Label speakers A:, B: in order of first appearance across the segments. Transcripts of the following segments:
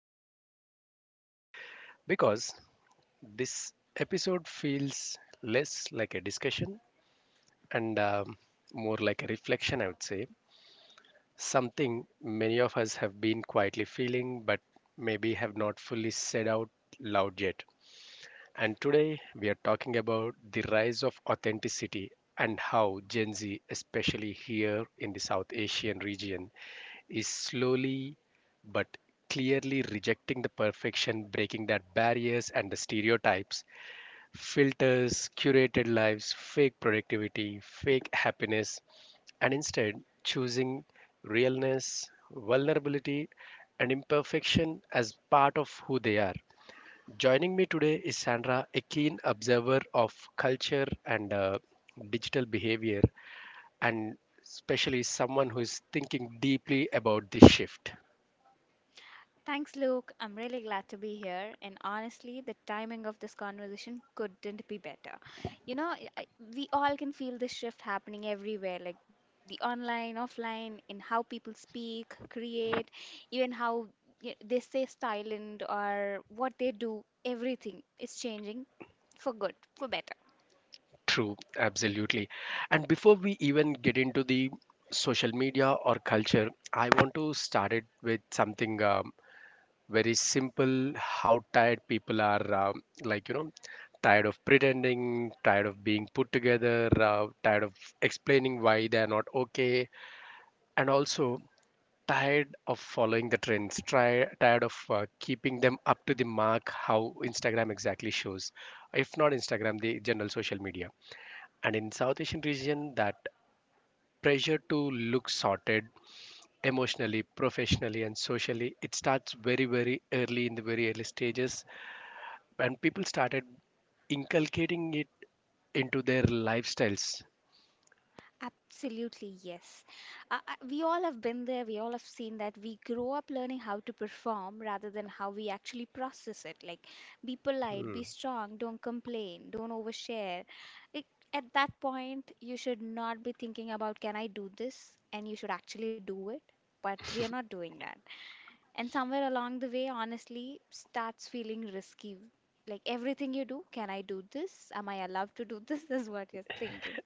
A: really glad you're here today because this episode feels less like a discussion and more like a reflection, I would say. Something many of us have been quietly feeling, but maybe have not fully said out loud yet. And today we are talking about the rise of authenticity and how Gen Z, especially here in the South Asian region, is slowly but clearly rejecting the perfection, breaking that barriers and the stereotypes, filters, curated lives, fake productivity, fake happiness, and instead choosing realness, vulnerability, and imperfection as part of who they are. Joining me today is Sandra, a keen observer of culture and digital behavior, and especially someone who is thinking deeply about this shift.
B: Thanks, Luke. I'm really glad to be here. And honestly, the timing of this conversation couldn't be better. You know, I, I- we all can feel this shift happening everywhere, like the online, offline, in how people speak, create, even how they stay silent or what they do. Everything is changing for good, for better.
A: True, absolutely. And before we even get into the social media or culture, I want to start it with something very simple, how tired people are, like, you know, tired of pretending, tired of being put together, tired of explaining why they're not okay, and also tired of following the trends, try tired of keeping them up to the mark, how Instagram exactly shows, if not Instagram, the general social media. And in South Asian region, that pressure to look sorted emotionally, professionally, and socially, it starts very very early, in the very early stages, and people started inculcating it into their lifestyles.
B: Absolutely, yes. We all have been there, we all have seen that we grow up learning how to perform rather than how we actually process it. Like, be polite,
A: Hmm.
B: be strong, don't complain, don't overshare. It, at that point, you should not be thinking about, can I do this? And you should actually do it. But we are not doing that. And somewhere along the way, honestly, starts feeling risky. Like everything you do, can I do this? Am I allowed to do this? Is what you're thinking.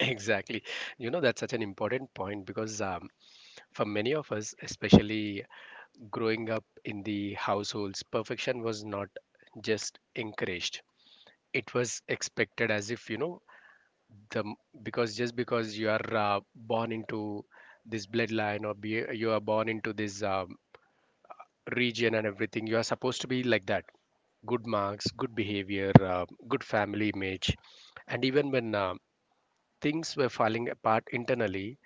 A: Exactly. You know, that's such an important point, because for many of us, especially growing up in the households, perfection was not just encouraged. It was expected. As if, you know, the because just because you are born into this bloodline, or you are born into this region and everything, you are supposed to be like that. Good marks, good behavior, good family image. And even when things were falling apart internally,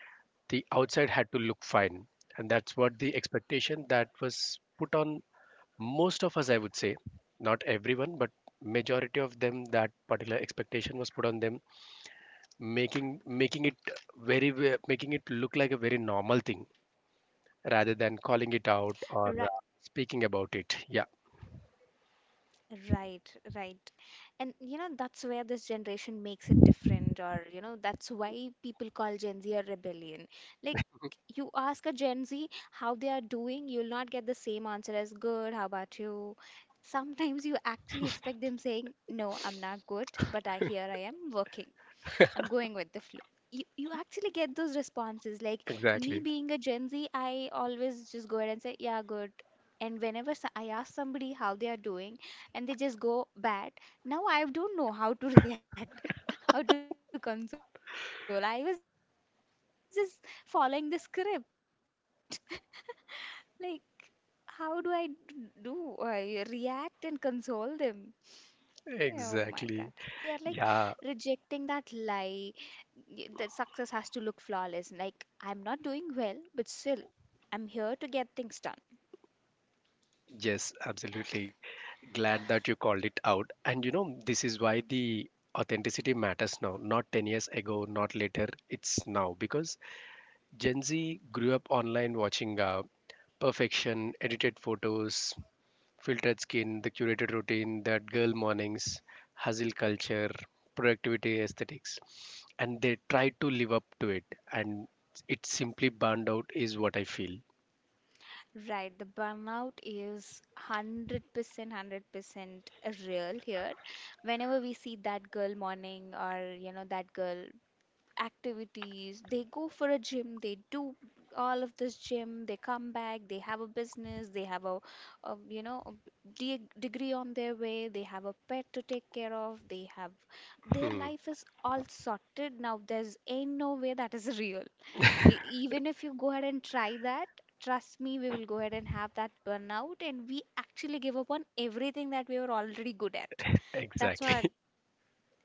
A: the outside had to look fine, and that's what the expectation that was put on most of us, I would say, not everyone but majority of them, that particular expectation was put on them, making making making it look like a very normal thing rather than calling it
B: Right.
A: out or speaking about it, yeah,
B: Right, right. And you know, that's where this generation makes it different, or you know, that's why people call Gen Z a rebellion. Like, you ask a Gen Z how they are doing, you'll not get the same answer as good, how about you? Sometimes you actually expect them saying, no, I'm not good, but I here I am working. I'm going with the flow. You actually get those responses. Like me
A: exactly,
B: being a Gen Z, I always just go ahead and say, yeah, good. And whenever I ask somebody how they are doing and they just go bad, now I don't know how to react, how to console. I was just following the script. Like, how do do I react and console them? Yeah. Oh my God. And they're not
A: exactly,
B: rejecting success. At some
A: yeah.
B: point, they are like rejecting that lie, that success has to look flawless. Like, I'm not doing well, but still I'm here to get things done.
A: Yes, absolutely. Glad that you called it out. And you know, this is why the authenticity matters now, not 10 years ago, not later, it's now. Because Gen Z grew up online watching perfection, edited photos, filtered skin, the curated routine, that girl mornings, hustle culture, productivity aesthetics. And they try to live up to it. And it simply burned out, is what I feel.
B: Right, the burnout is 100% real here. Whenever we see that girl morning, or you know, that girl activities, they go for a gym, they do all of this gym, they come back, they have a business, they have a, you know, a degree on their way, they have a pet to take care of, they have, their
A: Hmm,
B: life is all sorted. Now, there's ain't no way that is real. E- Even if you go ahead and try that, trust me, we will go ahead and have that burnout, and we actually give up on everything that we were already good at. That's what i
A: exactly.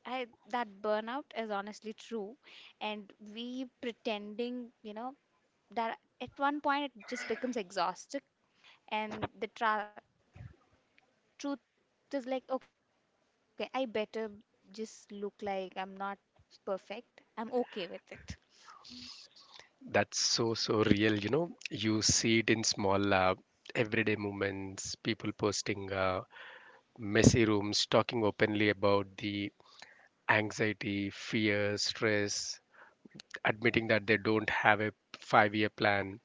B: I that burnout is honestly true, and we pretending, you know, that at one point it just becomes exhausting, and the tra truth is like, okay, I better just look like I'm not perfect. I'm okay with it.
A: That's so, so real. You know, you see it in small, everyday moments, people posting messy rooms, talking openly about the anxiety, fear, stress, admitting that they don't have a 5-year plan,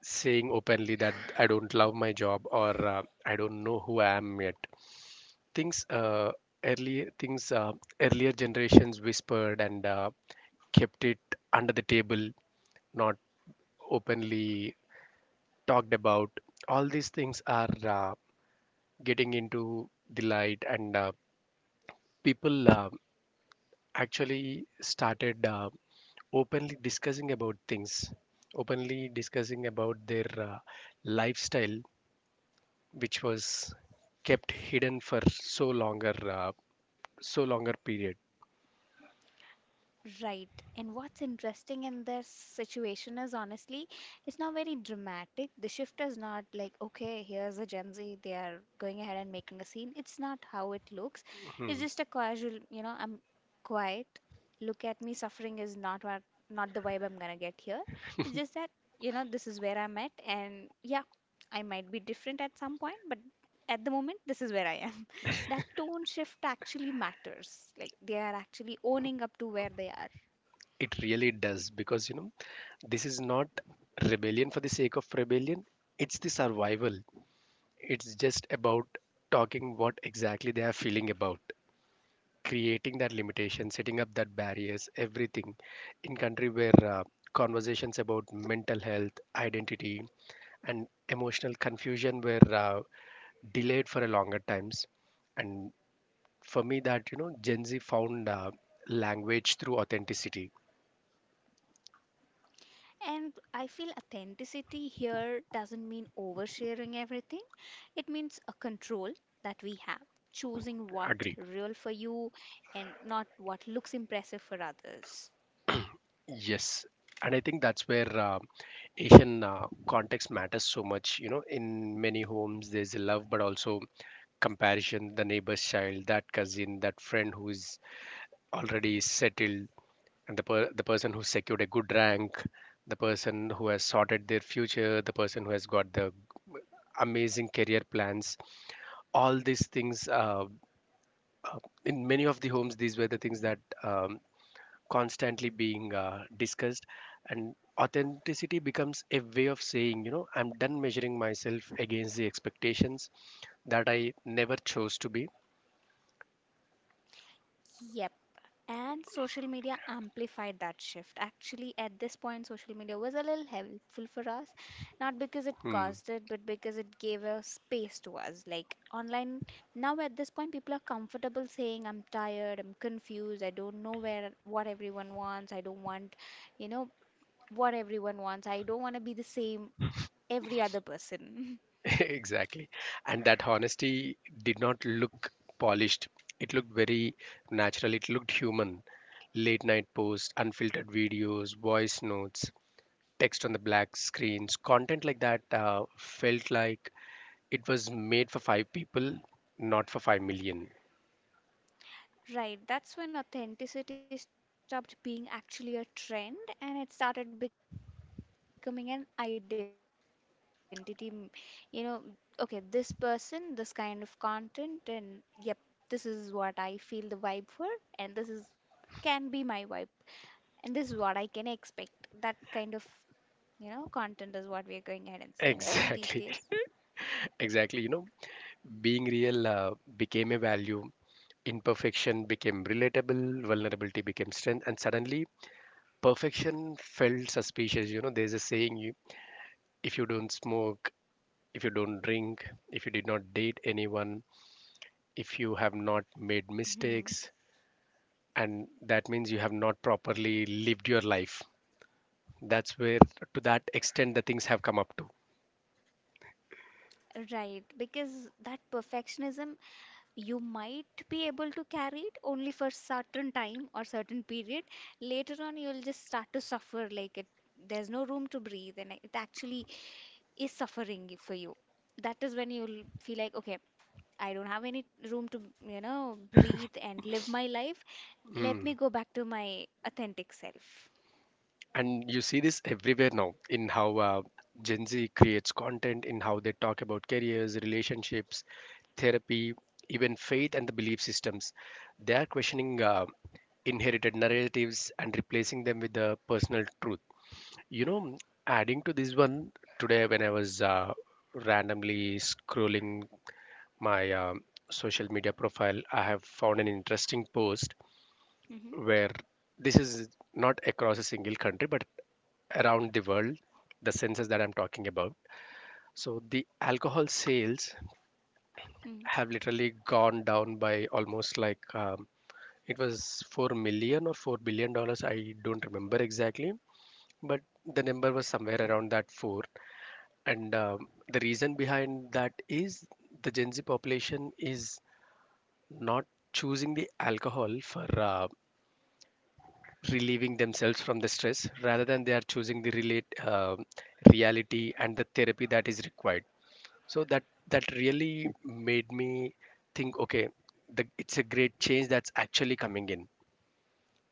A: saying openly that I don't love my job, or I don't know who I am yet. Things, earlier things Earlier generations whispered and kept it under the table, not openly talked about. All these things are getting into the light, and people actually started openly discussing about things, openly discussing about their lifestyle, which was kept hidden for so longer period.
B: Right. And what's interesting in this situation is honestly, it's not very dramatic. The shift is not like, okay, here's a Gen Z, they are going ahead and making a scene. It's not how it looks. It's
A: Mhm.
B: just a casual, you know, I'm quiet. Look at me, suffering is not what, not the vibe I'm gonna get here. It's just that, you know, this is where I'm at, and yeah, I might be different at some point, but at the moment, this is where I am. That tone shift actually matters. Like, they are actually owning up to where they are.
A: It really does, because, you know, this is not rebellion for the sake of rebellion, it's the survival. It's just about talking what exactly they are feeling about, creating that limitation, setting up that barriers, everything. In country where conversations about mental health, identity, and emotional confusion were delayed for a longer times, and for me, that, you know, Gen Z found language through authenticity.
B: And I feel authenticity here doesn't mean oversharing everything. It means a control that we have, choosing what real for
A: Agree.
B: you and not what looks impressive for others.
A: Yes, and I think that's where Asian context matters so much. You know, in many homes, there's a love, but also comparison. The neighbor's child, that cousin, that friend who is already settled, and the person who secured a good rank, the person who has sorted their future, the person who has got the amazing career plans. All these things. In many of the homes, these were the things that constantly being discussed, and authenticity becomes a way of saying, you know, I'm done measuring myself against the expectations that I never chose to be.
B: Yep. And social media amplified that shift. Actually, at this point, social media was a little helpful for us, not because it
A: Hmm.
B: caused it, but because it gave a space to us. Like online, now at this point, people are comfortable saying, I'm tired, I'm confused, I don't know where what everyone wants, I don't want, you know, what everyone wants, I don't want to be the same every other person.
A: Exactly. And that honesty did not look polished, it looked very natural, it looked human. Late night posts, unfiltered videos, voice notes, text on the black screens, content like that felt like it was made for five people, not for 5 million.
B: Right, that's when authenticity stopped being actually a trend and it started becoming an identity. You know, okay, this person, this kind of content, and yep, this is what I feel the vibe for, and this is can be my vibe, and this is what I can expect. That kind of, you know, content is what we're going ahead and seeing now these days.
A: Exactly, exactly. You know, being real became a value, imperfection became relatable, vulnerability became strength, and suddenly perfection felt suspicious. You know, there's a saying, if you don't smoke, if you don't drink, if you did not date anyone, if you have not
B: Hmm.
A: made mistakes, and that means you have not properly lived your life. That's where, to that extent, the things have come up to.
B: Right, because that perfectionism, you might be able to carry it only for certain time or certain period. Later on, you'll just start to suffer. Like it, there's no room to breathe, and it actually is suffering for you. That is when you'll feel like, okay, I don't have any room to, you know, breathe and live my life. Let
A: Mm.
B: me go back to my authentic self.
A: And you see this everywhere now, in how Gen Z creates content, in how they talk about careers, relationships, therapy, even faith and the belief systems. They are questioning inherited narratives and replacing them with the personal truth. You know, adding to this one, today when I was randomly scrolling my social media profile, I have found an interesting post,
B: Hmm.
A: where this is not across a single country but around the world. The census that I'm talking about, so the alcohol sales
B: Hmm.
A: have literally gone down by almost like, it was 4 million or $4 billion, I don't remember exactly, but the number was somewhere around that 4. And the reason behind that is the Gen Z population is not choosing the alcohol for relieving themselves from the stress, rather than they are choosing the relate reality and the therapy that is required. So that really made me think, okay, it's a great change that's actually coming in.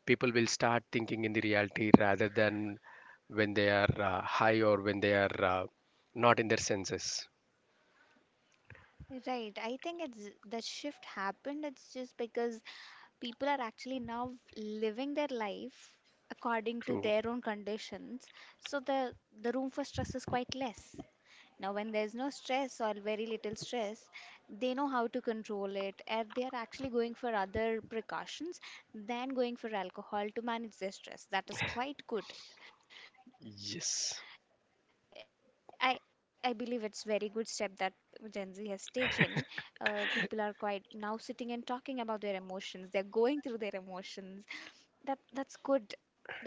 A: People will start thinking in the reality rather than when they are high or when they are not in their senses.
B: Right. I think it's the shift happened. It's just because people are actually now living their life according to
A: True.
B: their own conditions, so the room for stress is quite less. Now, when there's no stress or very little stress, they know how to control it, and they are actually going for other precautions than going for alcohol to manage their stress. That is quite good.
A: Yes.
B: I believe it's very good step that Gen Z has taken. People are quite now sitting and talking about their emotions, they're going through their emotions. That's good.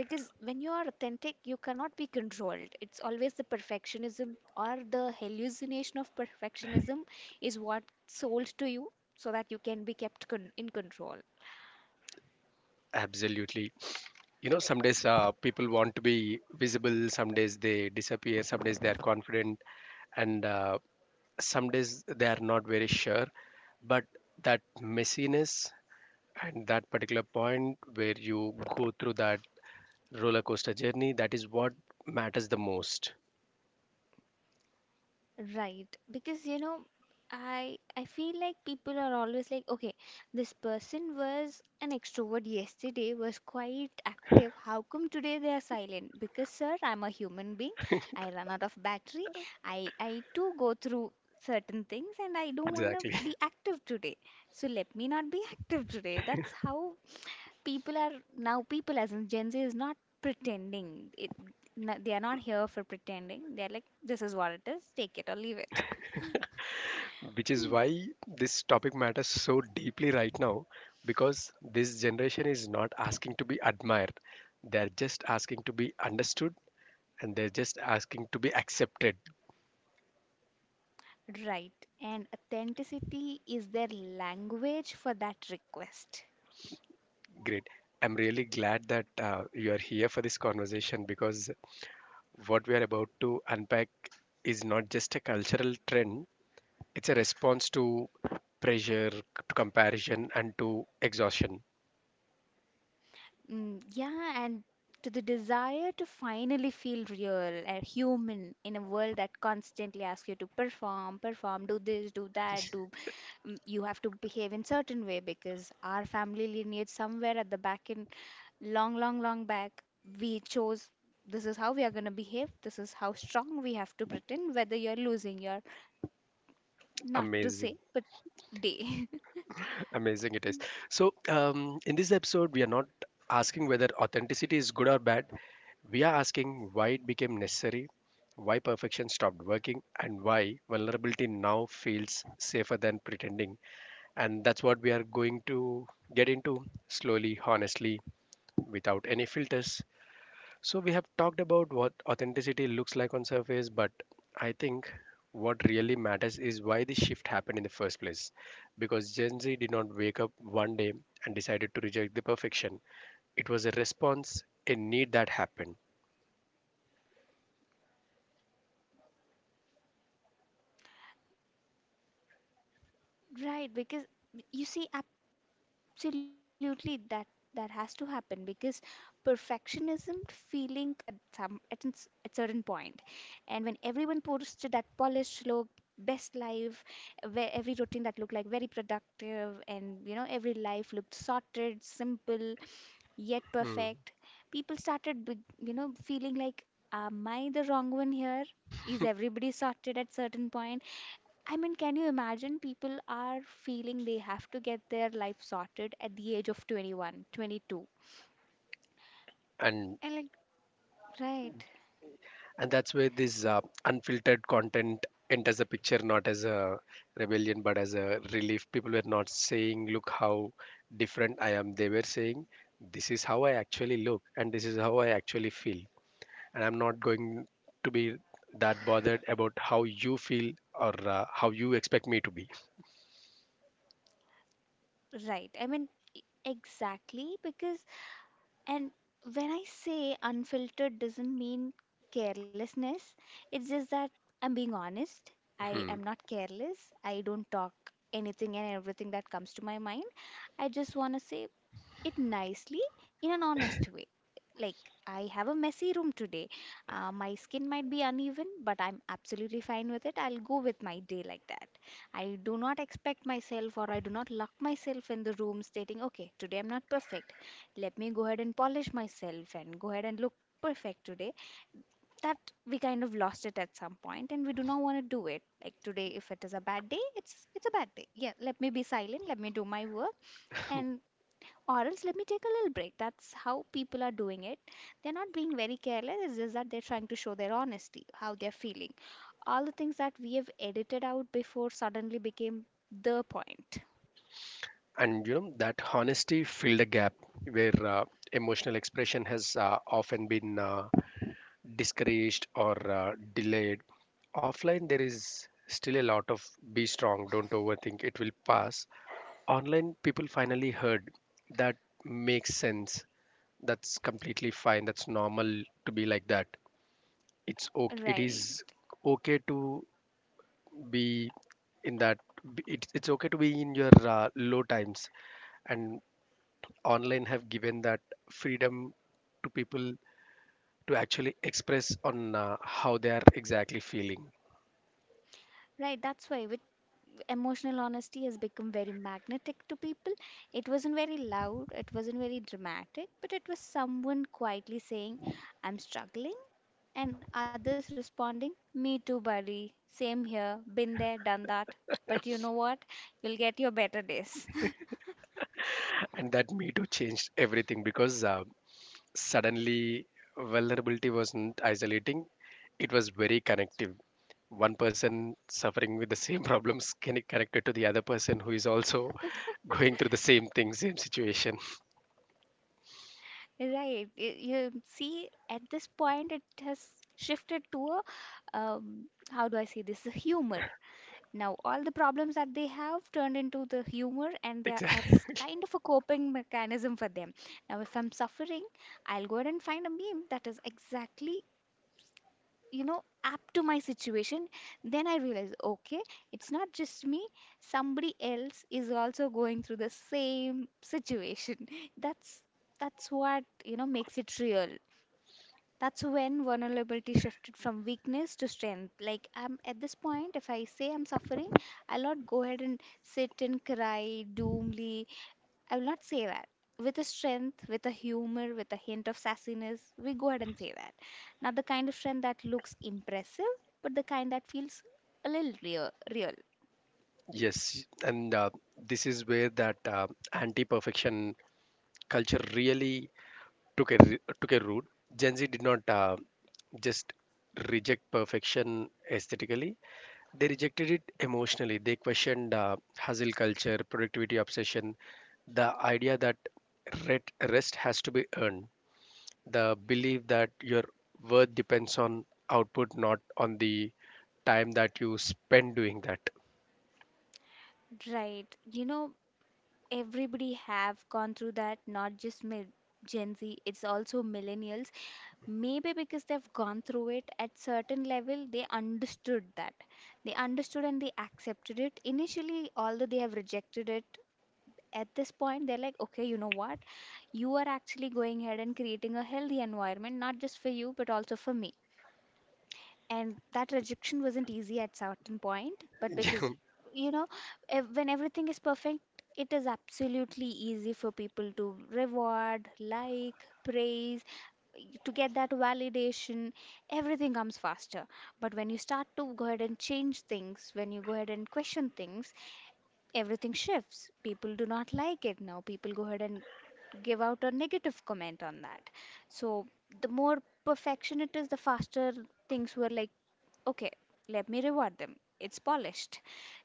B: Because when you are authentic, you cannot be controlled. It's always the perfectionism, or the hallucination of perfectionism is what sold to you so that you can be kept in control.
A: Absolutely. You know, some days people want to be visible, some days they disappear, some days they are confident, and some days they are not very sure, but that messiness and that particular point where you go through that roller coaster journey, that is what matters the most.
B: Right, because you know, I feel like people are always like, okay, this person was an extrovert yesterday, was quite active. How come today they are silent? Because sir, I'm a human being. I run out of battery. I too go through certain things, and I don't wanna
A: Exactly.
B: be active today. So let me not be active today. That's how people are now. People as in Gen Z is not pretending. It No, they are not here for pretending. They are like, this is what it is. Take it or leave it.
A: Which is
B: Hmm.
A: why this topic matters so deeply right now, because this generation is not asking to be admired, they are just asking to be understood, and they're just asking to be accepted.
B: Right. And authenticity is their language for that request.
A: Great. I'm really glad that you're here for this conversation, because what we are about to unpack is not just a cultural trend, it's a response to pressure, to comparison, and to exhaustion.
B: Mm, yeah, and to the desire to finally feel real and human in a world that constantly asks you to perform, perform, do this, do that, do, mm, you have to behave in certain way because our family lineage somewhere at the back end long, long, long back, we chose, this is how we are going to behave, this is how strong we have to pretend, whether you're losing your, not to
A: Amazing.
B: say, but day.
A: Amazing it is. So, in this episode, we are not asking whether authenticity is good or bad. We are asking why it became necessary, why perfection stopped working, and why vulnerability now feels safer than pretending. And that's what we are going to get into slowly, honestly, without any filters. So we have talked about what authenticity looks like on surface, but I think what really matters is why the shift happened in the first place. Because Gen Z did not wake up one day and decided to reject the perfection. It was a response, a need that happened.
B: Right, because you see, absolutely that that has to happen because perfectionism stopped feeling aspirational and started feeling, you know, a little suffocating at some at at certain point. And when everyone posted that polished look, best life, where every routine that looked like very productive, and you know, every life looked sorted, simple, yet perfect.
A: Mm.
B: People started, big, you know, feeling like, am I the wrong one here? Is everybody sorted at certain point? I mean, can you imagine people are feeling they have to get their life sorted at the age of 21, 22?
A: And
B: And like,
A: and that's where this unfiltered content enters the picture, not as a rebellion but as a relief. People were not saying, look how different I am. They were saying, this is how I actually look and this is how I actually feel. And I'm not going to be that bothered about how you feel, or how you expect me to be.
B: right, right. I mean, exactly because. And when I say unfiltered doesn't mean carelessness. It's just that I'm being honest. I am
A: Hmm.
B: not careless. I don't talk anything and everything that comes to my mind. I just want to say it nicely in an honest way. Like, I have a messy room today. My skin might be uneven, but I'm absolutely fine with it. I'll go with my day like that. I do not expect myself, or I do not lock myself in the room stating, okay, today I'm not perfect. Let me go ahead and polish myself and go ahead and look perfect today. That we kind of lost it at some point, and we do not want to do it. Like today, if it is a bad day, it's a bad day. Yeah, let me be silent, let me do my work, and or else let me take a little break. That's how people are doing it. They're not being very careless, it's just that they're trying to show their honesty, how they're feeling. All the things that we have edited out before suddenly became the point.
A: And you know, that honesty filled a gap where emotional expression has often been discouraged or delayed. Offline, there is still a lot of be strong, don't overthink, it will pass. Online, people finally heard that, makes sense, that's completely fine, that's normal to be like that, it's okay, it
B: Right.
A: is okay to be in it's okay to be in your low times, and online have given that freedom to people to actually express on how they are exactly feeling.
B: Right, that's why, which emotional honesty has become very magnetic to people. It wasn't very loud, it wasn't very dramatic, but it was someone quietly saying, I'm struggling, and others responding, me too, buddy. Same here, been there, done that. But you know what? You'll get your better days.
A: And that me too changed everything, because suddenly, vulnerability wasn't isolating, it was very connective. One person suffering with the same problems can be connected to the other person who is also going through the same thing, same situation.
B: Right. You see, at this point, it has shifted to a, how do I say this? A humor. Now, all the problems that they have turned into the humor, and they are,
A: Exactly.
B: that's kind of a coping mechanism for them. Now, if I'm suffering, I'll go ahead and find a meme that is exactly, apt to my situation. Then I realize, okay, it's not just me, somebody else is also going through the same situation. That's that's what, makes it real. That's when vulnerability shifted from weakness to strength. Like, I'm at this point, if I say I'm suffering, I'll not go ahead and sit and cry doomly. I will not say that. With a strength, with a humor, with a hint of sassiness, we go ahead and say that. Now the kind of strength that looks impressive, but the kind that feels a little real.
A: Yes, and this is where that anti-perfection culture really took a root. Gen Z did not just reject perfection aesthetically; they rejected it emotionally. They questioned hustle culture, productivity obsession, the idea that rest has to be earned, the belief that your worth depends on output, not on the time that you spend doing that.
B: Right? Everybody have gone through that, not just Gen Z, it's also millennials. Maybe because they've gone through it at certain level, they understood that. They understood and they accepted it initially, although they have rejected it. At this point they're like, okay, you know what, you are actually going ahead and creating a healthy environment, not just for you but also for me. And that rejection wasn't easy at certain point, but
A: Yeah,
B: because you know when everything is perfect, it is absolutely easy for people to reward, like praise, to get that validation, everything comes faster. But when you start to go ahead and change things, when you go ahead and question things, everything shifts. People do not like it now. People go ahead and give out a negative comment on that. So the more perfection it is, the faster things were like, okay, let me reward them. It's polished.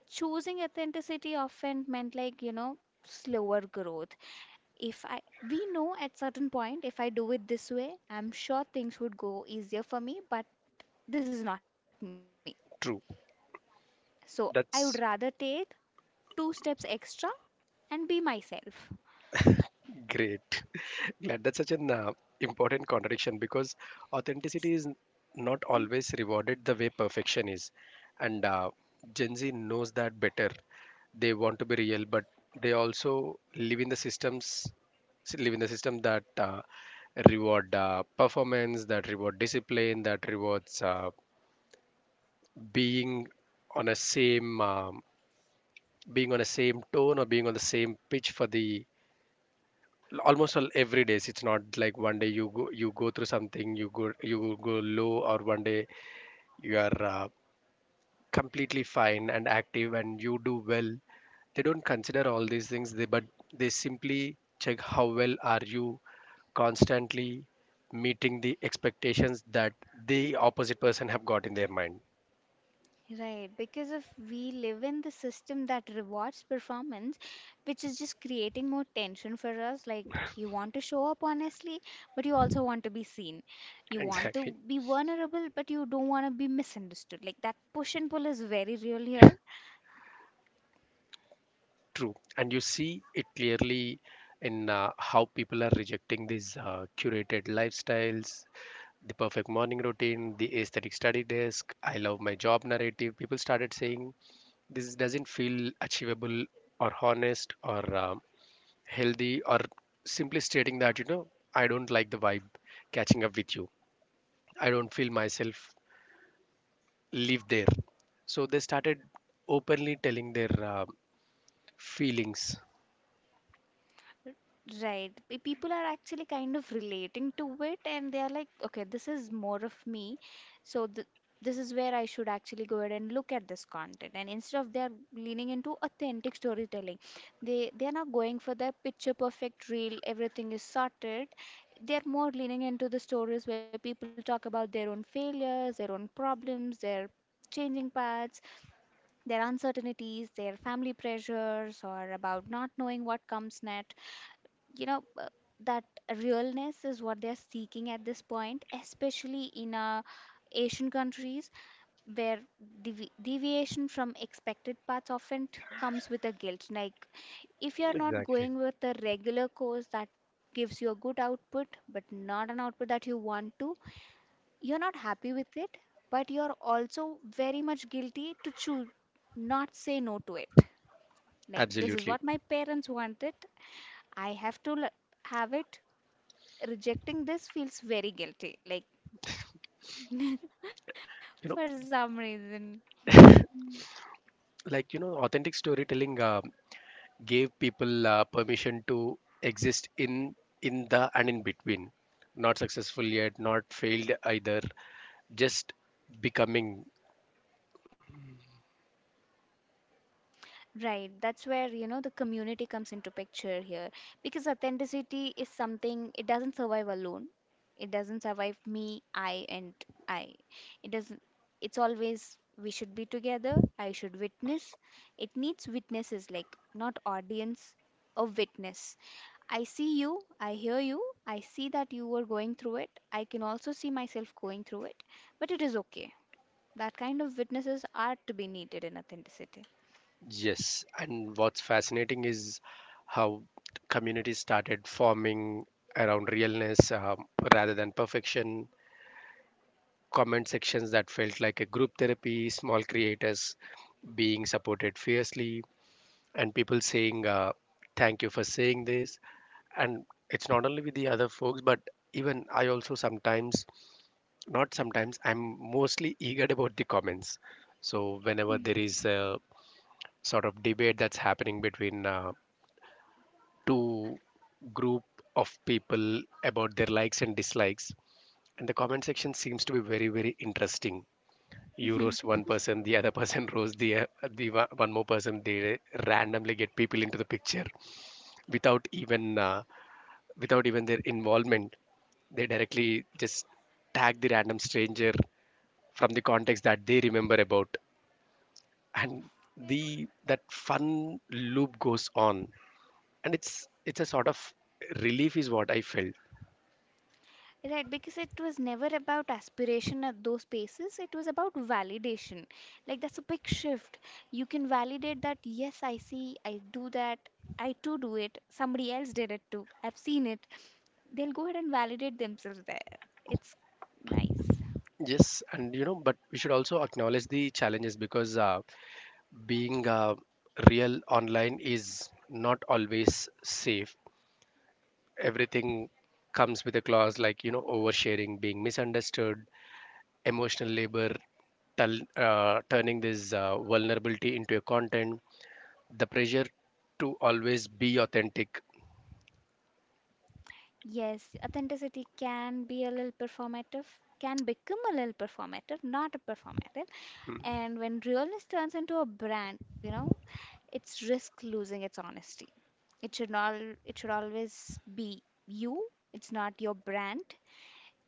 B: Choosing authenticity often meant, like, slower growth. If I We know at certain point, if I do it this way, I'm sure things would go easier for me, but this is not me.
A: true.
B: So I would
A: That's
B: rather take two steps extra and be myself.
A: Great. Glad that's such an important contradiction because authenticity is not always rewarded the way perfection is. And Gen Z knows that better. They want to be real, but they also live in the system that reward performance, that reward discipline, that rewards being on a same being on a same tone or being on the same pitch for the almost all every days. It's not like one day you go through something, you go low, or one day you are completely fine and active and you do well. They don't consider all these things. They but they simply check how well are you constantly meeting the expectations that the opposite person have got in their mind.
B: Right, because if we live in the system that rewards performance, which is just creating more tension for us, like, you want to show up honestly, but you also want to be seen. You want to
A: Exactly.
B: be vulnerable, but you don't want to be misunderstood. Like, that push and pull is very real here.
A: True, and you see it clearly in how people are rejecting these curated lifestyles, the perfect morning routine, the aesthetic study desk, I love my job narrative. People started saying this doesn't feel achievable or honest or healthy, or simply stating that, you know, I don't like the vibe catching up with you. I don't feel myself live there. So they started openly telling their feelings.
B: Right. People are actually kind of relating to it and they are like, okay, this is more of me. So th This is where I should actually go ahead and look at this content. And instead of, they're leaning into authentic storytelling, they are not going for the picture perfect reel, everything is sorted. They're more leaning into the stories where people talk about their own failures, their own problems, their changing paths, their uncertainties, their family pressures, or about not knowing what comes next. you know uh, that realness is what they're seeking at this point, especially in Asian countries, where deviation from expected paths often comes with a guilt. Like, if you're not
A: Exactly.
B: going with the regular course that gives you a good output, but not an output that you want to, you're not happy with it, but you're also very much guilty to choose, not say no to it. Like, this is
A: Absolutely.
B: what my parents wanted, I have to l- have it. Rejecting this feels very guilty, like, for
A: You
B: some reason.
A: know, like, you know, authentic storytelling gave people permission to exist in the and in between, not successful yet, not failed either, just becoming.
B: Right, that's where, the community comes into picture here, because authenticity is something, it doesn't survive alone. It doesn't survive me, I and I. It doesn't It's always, we should be together, I should witness. It needs witnesses, like, not audience, a witness. I see you, I hear you, I see that you were going through it. I can also see myself going through it, but it is okay. That kind of witnesses are to be needed in authenticity.
A: Yes, and what's fascinating is how communities started forming around realness, rather than perfection. Comment sections that felt like a group therapy, small creators being supported fiercely, and people saying thank you for saying this. And it's not only with the other folks, but even I also sometimes, not sometimes, I'm mostly eager about the comments. So whenever there is a sort of debate that's happening between two group of people about their likes and dislikes, and the comment section seems to be very very interesting. You roast one person, the other person roast the one more person. They randomly get people into the picture without even without even their involvement. They directly just tag the random stranger from the context that they remember about, and the that fun loop goes on. And it's a sort of relief is what I felt.
B: Right, because it was never about aspiration at those spaces, it was about validation. Like, that's a big shift. You can validate that, yes, I see, I do that, I too do it, somebody else did it too, I've seen it. They'll go ahead and validate themselves there. It's nice.
A: Yes, and you know, but we should also acknowledge the challenges, because being real online is not always safe. Everything comes with a clause, like, you know, oversharing, being misunderstood, emotional labor, turning this vulnerability into a content, the pressure to always be authentic,
B: Yes, authenticity can be a little performative, can become a little performative, not a performative. And when realness turns into a brand, it's risk losing its honesty. It should all it should always be you. It's not your brand.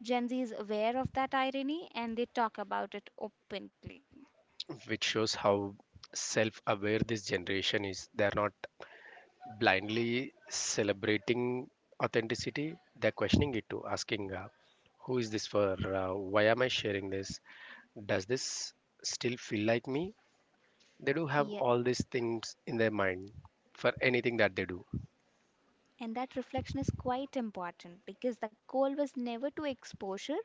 B: Gen Z is aware of that irony and they talk about it openly.
A: which shows how self aware this generation is. They're not blindly celebrating authenticity, they're questioning it too, asking, who is this for? Why am I sharing this? Does this still feel like me? They do have
B: Yeah.
A: all these things in their mind for anything that they do.
B: And that reflection is quite important because the goal was never to exposure.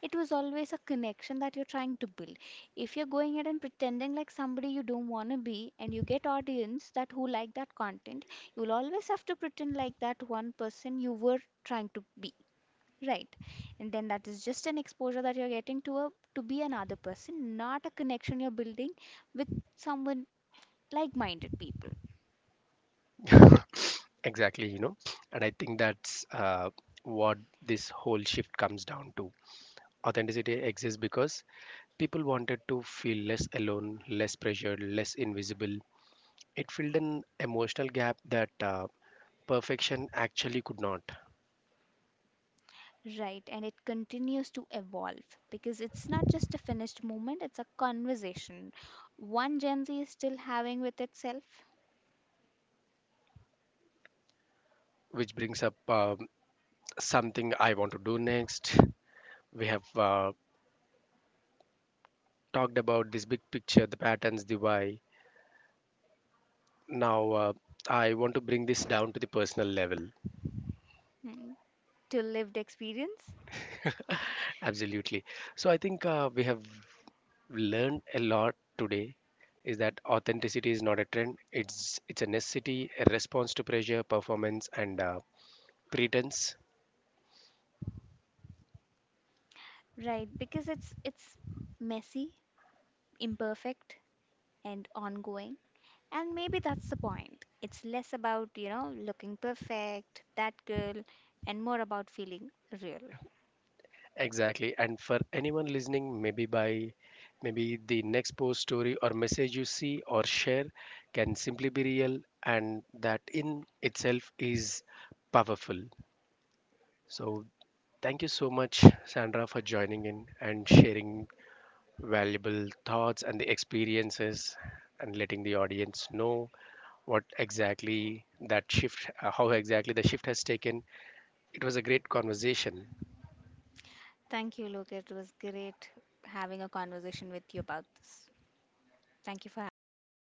B: It was always a connection that you're trying to build. If you're going ahead and pretending like somebody you don't want to be, and you get audience that who like that content, you'll always have to pretend like that one person you were trying to be, right? And then that is just an exposure that you're getting, to a to be another person, not a connection you're building with someone like-minded people.
A: Exactly, you know, and I think that's what this whole shift comes down to. Authenticity exists because people wanted to feel less alone, less pressured, less invisible. It filled an emotional gap that perfection actually could not.
B: Right, and it continues to evolve because it's not just a finished movement, it's a conversation. One Gen Z is still having with itself.
A: Which brings up something I want to do next. We have talked about this big picture, the patterns, the why. Now uh, I want to bring this down to the personal level.
B: Mm. To lived experience,
A: Absolutely. So I think we have learned a lot today, is that authenticity is not a trend. It's a necessity, a response to pressure, performance, and pretense.
B: right? Because it's messy, imperfect, and ongoing. And maybe that's the point. It's less about, looking perfect, that girl, and more about feeling real.
A: Exactly. And for anyone listening, maybe the next post, story, or message you see or share can simply be real, and that in itself is powerful. So thank you so much, Sandra, for joining in and sharing valuable thoughts and the experiences, and letting the audience know what exactly that shift, how exactly the shift has taken. It was a great conversation.
B: Thank you, Luke. It was great having a conversation with you about this. Thank you for having me.